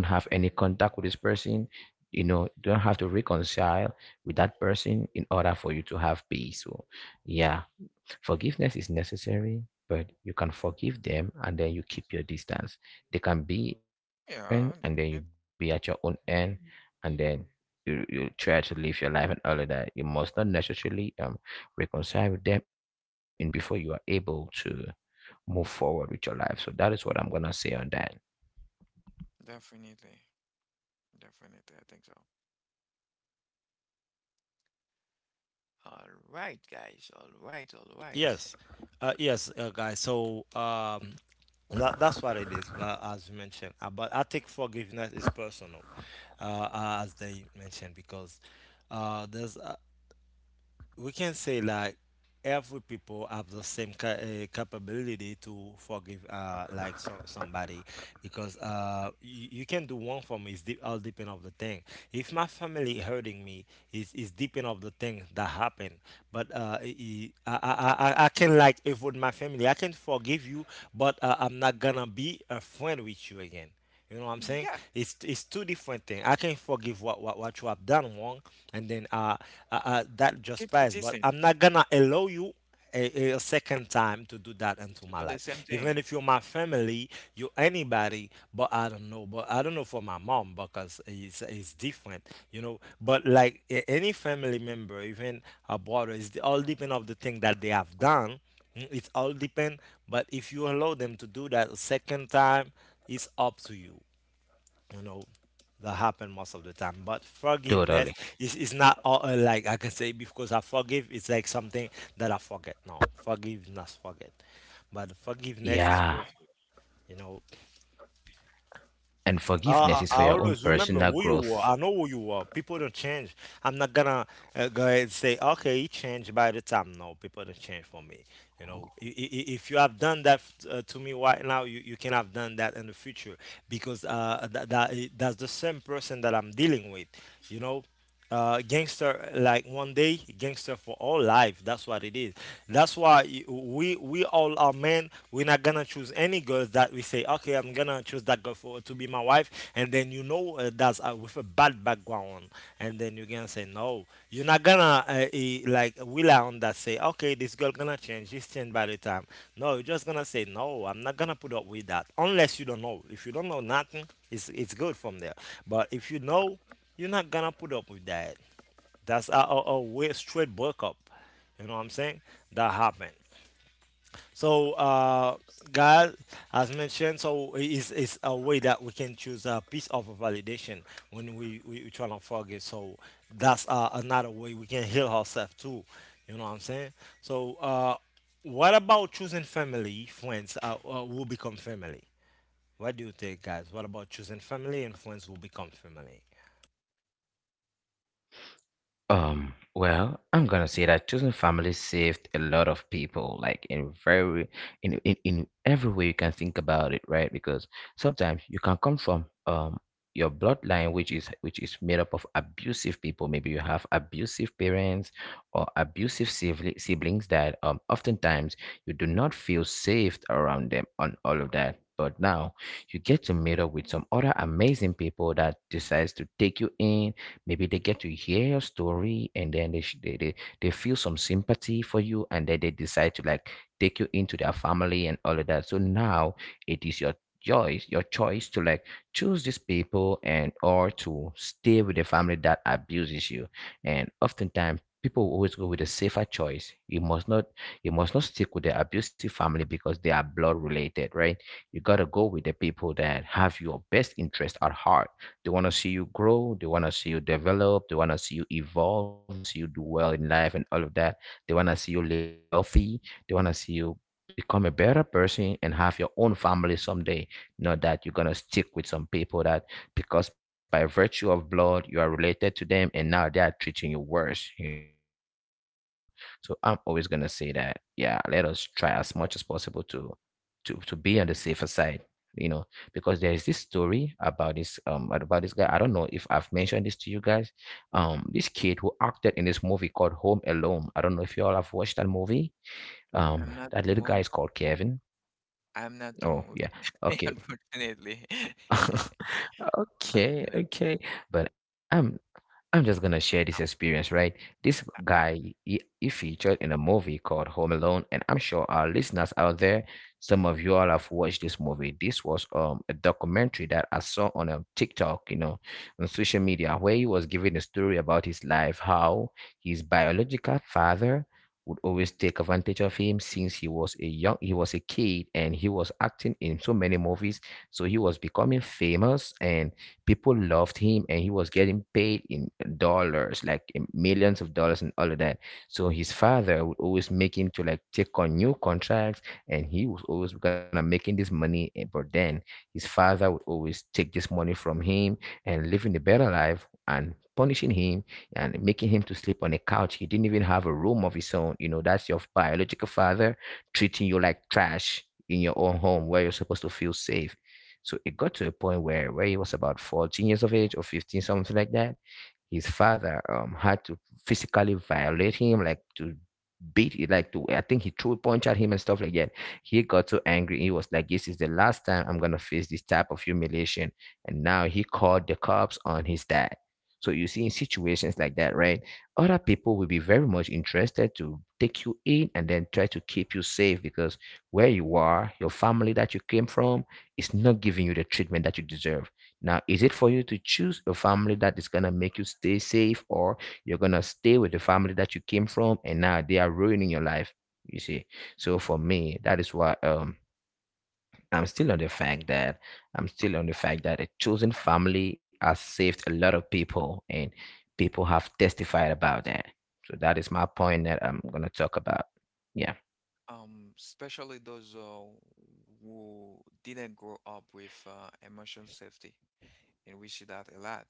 don't have any contact with this person. You know, you don't have to reconcile with that person in order for you to have peace. So yeah, forgiveness is necessary, but you can forgive them and then you keep your distance. They can be in their own Yeah, end, and then you be at your own end, and then you try to live your life and all of that. You must not necessarily reconcile with them in person before you are able to move forward with your life. So that is what I'm going to say on that. definitely, definitely, definitely. I think so. All right, guys. All right, all right. Yes. Yes, guys, so um, that, that's what it is, as you mentioned. But I think forgiveness is personal, as they mentioned, because there's we can say like every people have the same capability to forgive like somebody, because you can do one for me. It's all depend of the thing. If my family hurting me, is depend of the thing that happened. But I can like avoid my family. I can forgive you, but I'm not gonna be a friend with you again. You know what I'm saying? Yeah, It's two different things. I can forgive what you have done wrong, and then that keep just your passed. But I'm distance not gonna allow you a second time to do that into to my do the same life. thing. Even if you're my family, you're anybody, but I don't know. But I don't know for my mom, because it's different, you know. But like any family member, even a brother, it's all depend of the thing that they have done. Mm, it all depend, but if you allow them to do that a second time, it's up to you. You know, that happen most of the time. But forgiveness Totally. Is not all, like I can say because I forgive. It's like something that I forget. No, forgiveness, forget. But forgiveness is Yeah. personal. You know, And I I forgiveness is for always your own remember who you personal were. I know growth. who you are. People don't change. I'm not gonna go ahead and say, okay, he changed by the time. No, people don't change for me. You know, if you have done that to me right now, you can have done that in the future because that's the same person that I'm dealing with. You know, gangster, like one day gangster for all life, that's what it is. That's why we all are men. We're not gonna choose any girls that we say, okay, I'm gonna choose that girl for to be my wife, and then you know, that's with a bad background, and then you're gonna say no. You're not gonna like rely on that, say okay, this girl gonna change, she's changed by the time. No, you're just gonna say no, I'm not gonna put up with that. Unless you don't know, if you don't know nothing, it's good from there. But if you know, you're not gonna put up with that. That's a, a way straight breakup. You know what I'm saying? That happened. So God has mentioned, so it's a way that we can choose a piece of validation when we trying to forget. So that's another way we can heal ourselves too. You know what I'm saying? So what about choosing family, friends will become family? What do you think, guys? What about choosing family and friends will become family? Well, I'm gonna say that choosing family saved a lot of people, like in very in every way you can think about it, right? Because sometimes you can come from your bloodline, which is made up of abusive people. Maybe you have abusive parents or abusive siblings that oftentimes you do not feel safe around them on all of that. But now you get to meet up with some other amazing people that decides to take you in. Maybe they get to hear your story, and then they, sh- they feel some sympathy for you, and then they decide to like take you into their family and all of that. So now it is your choice to like choose these people and or to stay with the family that abuses you. And oftentimes people will always go with a safer choice. You must not stick with the abusive family because they are blood related, right? You gotta go with the people that have your best interest at heart. They want to see you grow. They want to see you develop. They want to see you evolve. They want to see you do well in life and all of that. They want to see you living healthy. They want to see you become a better person and have your own family someday. Not that you're going to stick with some people that, because by virtue of blood, you are related to them, and now they are treating you worse. So I'm always going to say that, yeah, let us try as much as possible to be on the safer side, you know because there is this story about this guy. I don't know if I've mentioned this to you guys. This kid who acted in this movie called Home Alone, I don't know if you all have watched that movie. I'm That not little the guy is movie. called Kevin. I'm not the Oh, yeah. movie, Okay. unfortunately. Okay, Unfortunately. okay. But I'm just gonna share this experience, right? This guy, he featured in a movie called Home Alone, and I'm sure our listeners out there, some of you all have watched this movie. This was a documentary that I saw on a TikTok, on social media, where he was giving a story about his life, how his biological father would always take advantage of him since he was a kid, and he was acting in so many movies, so he was becoming famous, and people loved him, and he was getting paid in dollars, like in millions of dollars and all of that. So his father would always make him to like take on new contracts, and he was always gonna making this money. But then his father would always take this money from him and living a better life and punishing him and making him to sleep on a couch. He didn't even have a room of his own. You know, that's your biological father treating you like trash in your own home where you're supposed to feel safe. So it got to a point where he was about 14 years of age or 15, something like that. His father had to physically violate him, like to beat it, like to, I think he threw a punch at him and stuff like that. He got so angry. He was like, "This is the last time I'm gonna face this type of humiliation." And now he called the cops on his dad. So you see, in situations like that, right? Other people will be very much interested to take you in and then try to keep you safe because where you are, your family that you came from, is not giving you the treatment that you deserve. Now, is it for you to choose a family that is going to make you stay safe, or you're going to stay with the family that you came from, and now they are ruining your life? You see. So for me, that is why I'm still on the fact that I'm still on the fact that a chosen family has saved a lot of people, and people have testified about that. So that is my point that I'm going to talk about. Yeah. Especially those who didn't grow up with emotional safety, and we see that a lot.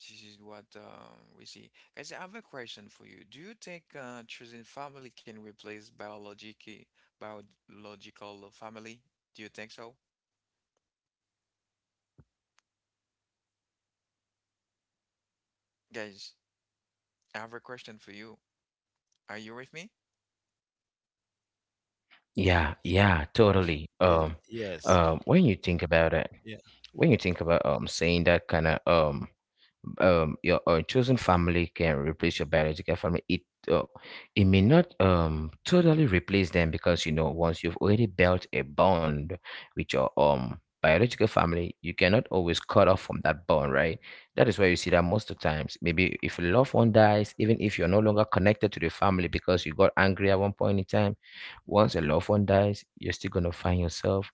This is what we see. Guys, I have a question for you. Do you think choosing family can replace biological biological family? Do you think so? Guys, I have a question for you. Are you with me? Yeah. Yeah. Totally. Y- Yes. When you think about it, when you think about saying that kind of your chosen family can replace your biological family. Uh, it may not totally replace them, because you know once you've already built a bond with your biological family, you cannot always cut off from that bond, right? That is why you see that most of times, maybe if a loved one dies, even if you're no longer connected to the family because you got angry at one point in time, once a loved one dies, you're still gonna find yourself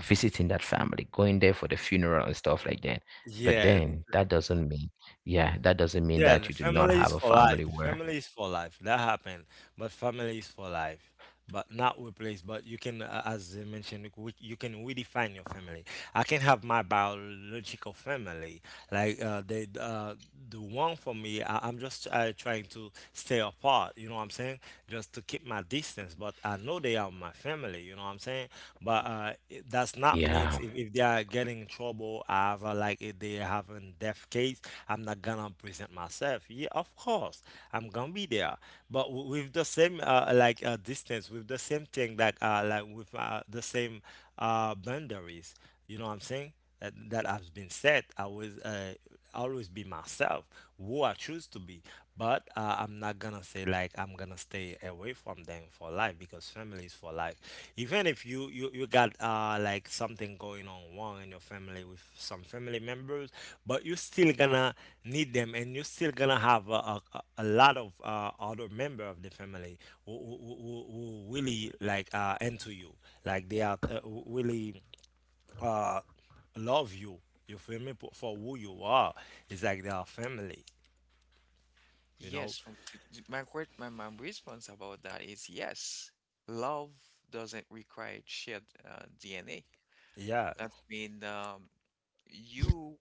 visiting that family, going there for the funeral and stuff like that. But Yeah, then that doesn't mean yeah, that doesn't mean yeah, that the you do not family is have a for family life. where. Family is for life. That happened, but family is for life. But not replace. But you can, as I mentioned, you can redefine your family. I can have my biological family, like the one for me. I'm just trying to stay apart. You know what I'm saying? Just to keep my distance. But I know they are my family. You know what I'm saying? But that's not means Yeah, if they are getting in trouble, however, like if they having death case, I'm not gonna present myself. Yeah, of course, I'm gonna be there. But with the same distance, with the same thing, like with the same boundaries. You know what I'm saying? That has been set. I was always be myself, who I choose to be. But I'm not gonna say like I'm gonna stay away from them for life because family is for life. Even if you got like something going on wrong in your family with some family members, but you still gonna need them, and you still gonna have a, a lot of other member of the family who really like into you, like they are really uh, love you. You feel me? For who you are, it's like they are family. You know? Yes. My que- my response about that is yes. Love doesn't require shared DNA. Yeah. That means you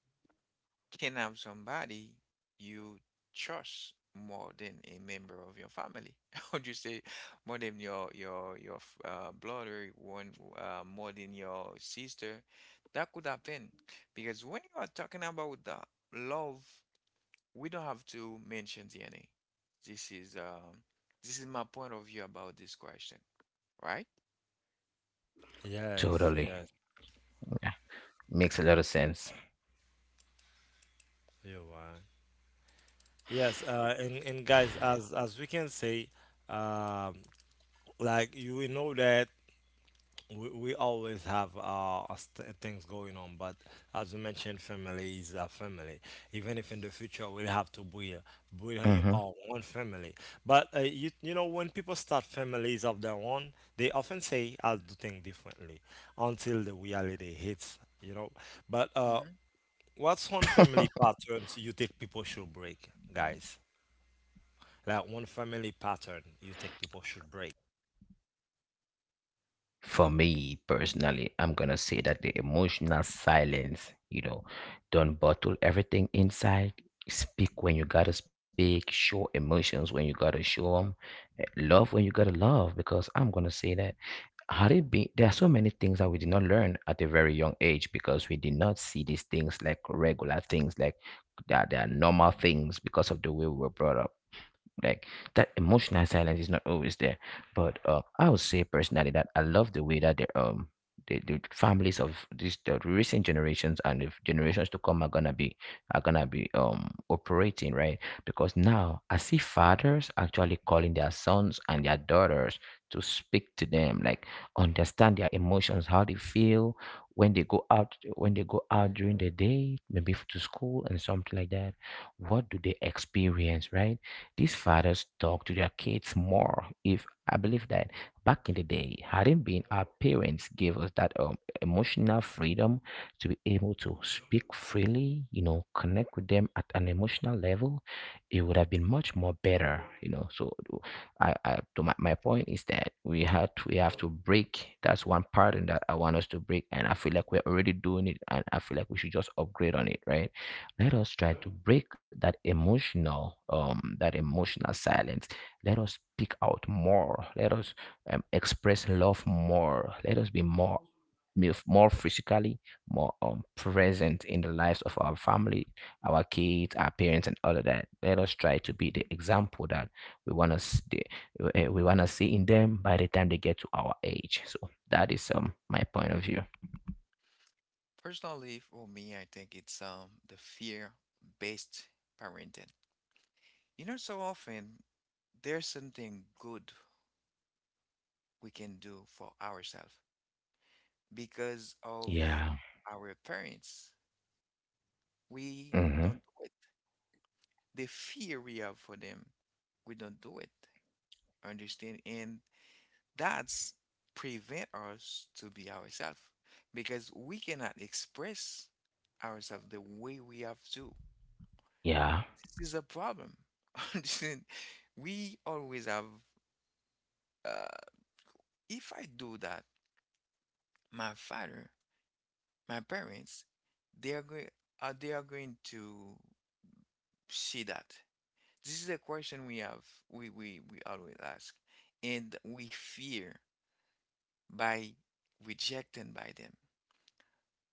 can have somebody you trust more than a member of your family. How would you say more than your f- blood or one more than your sister? That could happen because when you are talking about the love, we don't have to mention DNA. This is um, this is my point of view about this question, right? Yes. totally. Yes. Yeah, makes a lot of sense. You're right. Yes. And guys, as we can say, um, like you will know that we always have things going on, but as you mentioned, family is a family. Even if in the future we'll have to build Hmm. our own family, but you you know, when people start families of their own, they often say I'll do things differently until the reality hits, you know. But Hmm. what's one family pattern you think people should break, guys? Like one family pattern you think people should break. For me personally, I'm gonna say that the emotional silence. Don't bottle everything inside. Speak when you gotta speak, show emotions when you gotta show them, love when you gotta love. Because I'm gonna say that, had it been, there are so many things that we did not learn at a very young age because we did not see these things like regular things, like that they are normal things because of the way we were brought up. Like that emotional silence is not always there. But I would say personally that I love the way that the families of the recent generations, and the generations to come, are gonna be operating, right? Because now I see fathers actually calling their sons and their daughters to speak to them, like, understand their emotions, how they feel when they go out during the day, maybe to school and something like that, what do they experience, right? These fathers talk to their kids more. If I believe that back in the day, hadn't been our parents gave us that emotional freedom to be able to speak freely, connect with them at an emotional level, it would have been much more better. So, I to my point is that we have to break. That's one pattern that I want us to break, and I feel like we're already doing it, and I feel like we should just upgrade on it, right? Let us try to break that emotional silence. Let us speak out more. Let us express love more. Let us be more physically, more present in the lives of our family, our kids, our parents, and all of that. Let us try to be the example that we want us, we want to see in them by the time they get to our age. So that is my point of view. Personally, for me, I think it's the fear-based parenting. You know, so often there's something good we can do for ourselves because of Yeah. our parents. We don't Mm-hmm. do it. The fear we have for them, we don't do it. Understand? And that's prevent us to be ourselves because we cannot express ourselves the way we have to. Yeah. This is a problem. Understand? We always have. Uh, if I do that, my father, my parents, they are going. They are going to see that. This is a question we have. We always ask, and we fear by rejecting by them.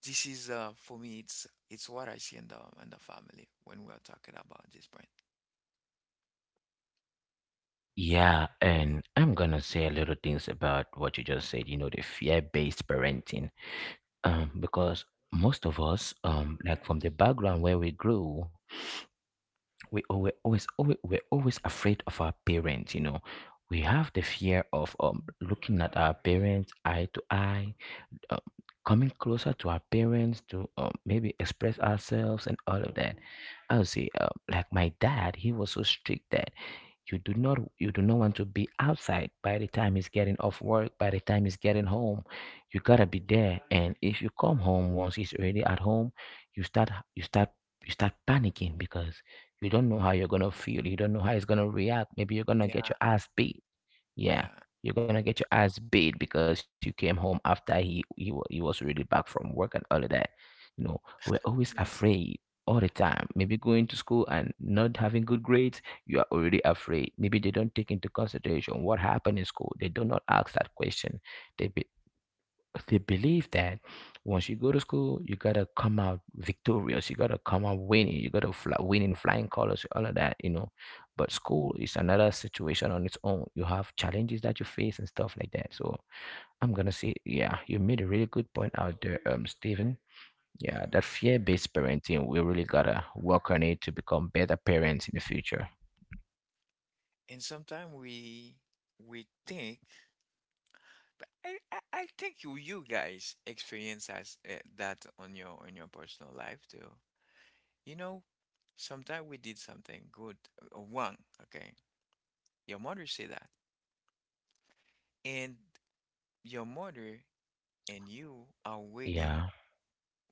This is uh, for me, it's what I see in the family when we are talking about this brand. Yeah, and I'm gonna say a little things about what you just said, the fear-based parenting. Because most of us, like from the background where we grew, we al- we're always, always we're always afraid of our parents. We have the fear of looking at our parents eye to eye, uh, coming closer to our parents to maybe express ourselves and all of that. I would say, like my dad, he was so strict that you do not want to be outside by the time he's getting off work, by the time he's getting home. You gotta be there, and if you come home once he's already at home, you start you start you start panicking, because you don't know how you're gonna feel, you don't know how he's gonna react. Maybe you're gonna Yeah, get your ass beat, yeah. yeah, you're gonna get your ass beat because you came home after he was already back from work and all of that. You know, we're always Yeah, afraid all the time. Maybe going to school and not having good grades, you are already afraid. Maybe they don't take into consideration what happened in school. They do not ask that question. They be, they believe that once you go to school, you gotta come out victorious. You gotta come out winning. You gotta fly, win in flying colors, all of that. But school is another situation on its own. You have challenges that you face and stuff like that. So I'm gonna say, yeah, you made a really good point out there, Stephen. yeah. Yeah, that fear-based parenting, we really gotta work on it to become better parents in the future. And sometimes we think, but I think you you guys experience as that on your personal life too. You know, sometimes we did something good or wrong, okay? Your mother say that. And your mother and you are waiting Yeah.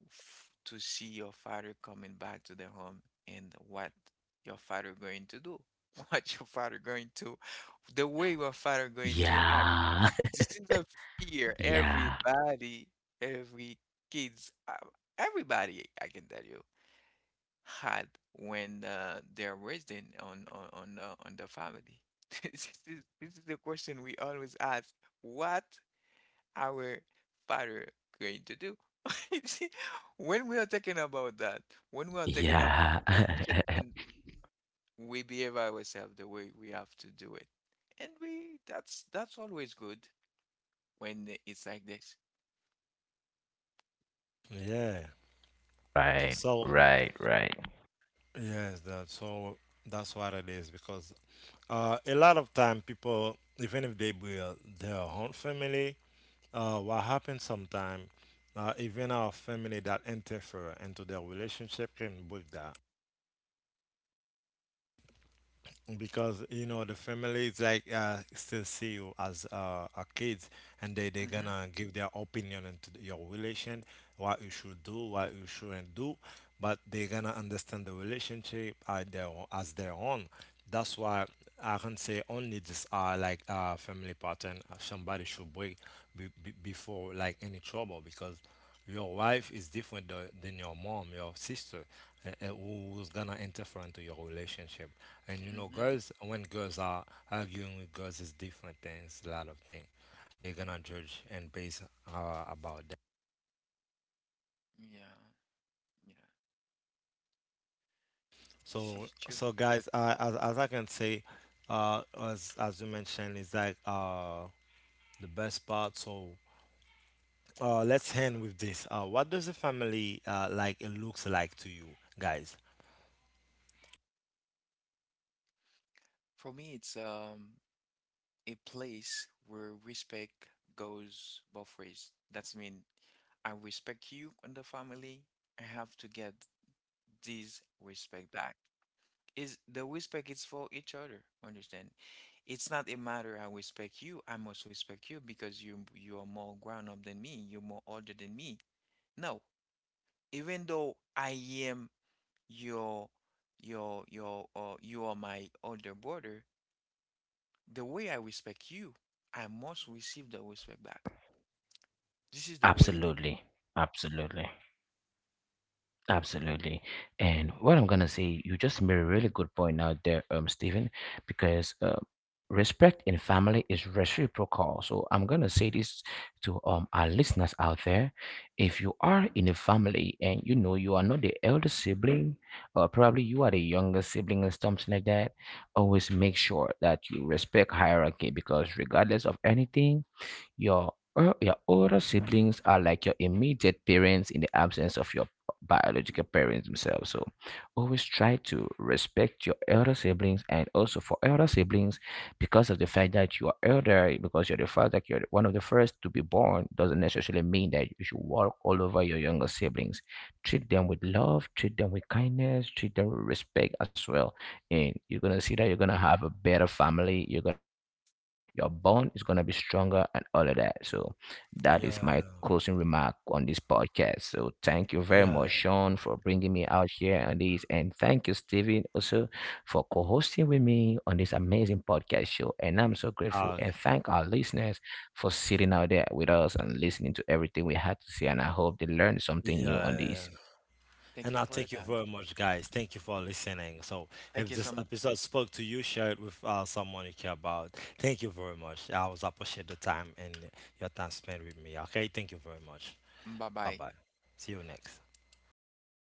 f- to see your father coming back to the home and what your father going to do, what your father going to, the way your father going to act. Yeah. This is a fear Yeah. everybody, every kids, everybody I can tell you had when they're raising on on the family. This is the question we always ask. What our father going to do? You see, when we are talking about that, when we are talking about Yeah. it, and we behave ourselves the way we have to do it, and we that's always good when it's like this. Yeah, Right, so right, right. yes, that so that's what it is, because a lot of time, people, even if they build their own family, what happens sometime, even our family that interfere into their relationship can break that, because you know the family is like still see you as a kid, and they Mm-hmm. gonna give their opinion into the- your relation, what you should do, what you shouldn't do, but they gonna understand the relationship as their own. That's why I can say only this family pattern somebody should break before like any trouble, because your wife is different than your mom, your sister, who's gonna interfere into your relationship. And you know, Mm-hmm. girls, when girls are arguing with girls, is different things, a lot of things. They're gonna judge and base about that. Yeah. Yeah. This So, is true. so guys, as I can say, as you mentioned, is like the best part. So let's end with this. What does a family like looks like to you guys? For me, it's a place where respect goes both ways. That's mean I respect you and the family. I have to get this respect back, is the respect is for each other. Understand? It's not a matter I respect you, I must respect you because you are more grown up than me, you're more older than me. No, even though I am your you are my older brother, the way I respect you, I must receive the respect back. This is the way it is. Absolutely, absolutely, absolutely. And what I'm gonna say, you just made a really good point out there, Stephen, because respect in family is reciprocal. So I'm gonna say this to our listeners out there: if you are in a family and you know you are not the elder sibling, or probably you are the younger sibling or something like that, always make sure that you respect hierarchy, because regardless of anything. Your older siblings are like your immediate parents in the absence of your biological parents themselves. So always try to respect your elder siblings, and also for elder siblings, because of the fact that you are elder, because you're the fact that you're one of the first to be born, doesn't necessarily mean that you should walk all over your younger siblings. Treat them with love, treat them with kindness, treat them with respect as well. And you're gonna see that you're gonna have a better family. You're gonna be your bond is going to be stronger and all of that. So, that is my Yeah, closing remark on this podcast. So, thank you very much, yeah, Sean, for bringing me out here on this. And thank you, Steven, also for co hosting with me on this amazing podcast show. And I'm so grateful. Uh, And thank our listeners for sitting out there with us and listening to everything we had to say. And I hope they learned something new on this. yeah. Thank And I you for your thank you time. very much, guys. Thank you for listening. So, if Thank you this so much. episode spoke to you, share it with someone you care about. Thank you very much. I always appreciate the time and your time spent with me. Okay, thank you very much. Bye Bye bye. bye. See you next.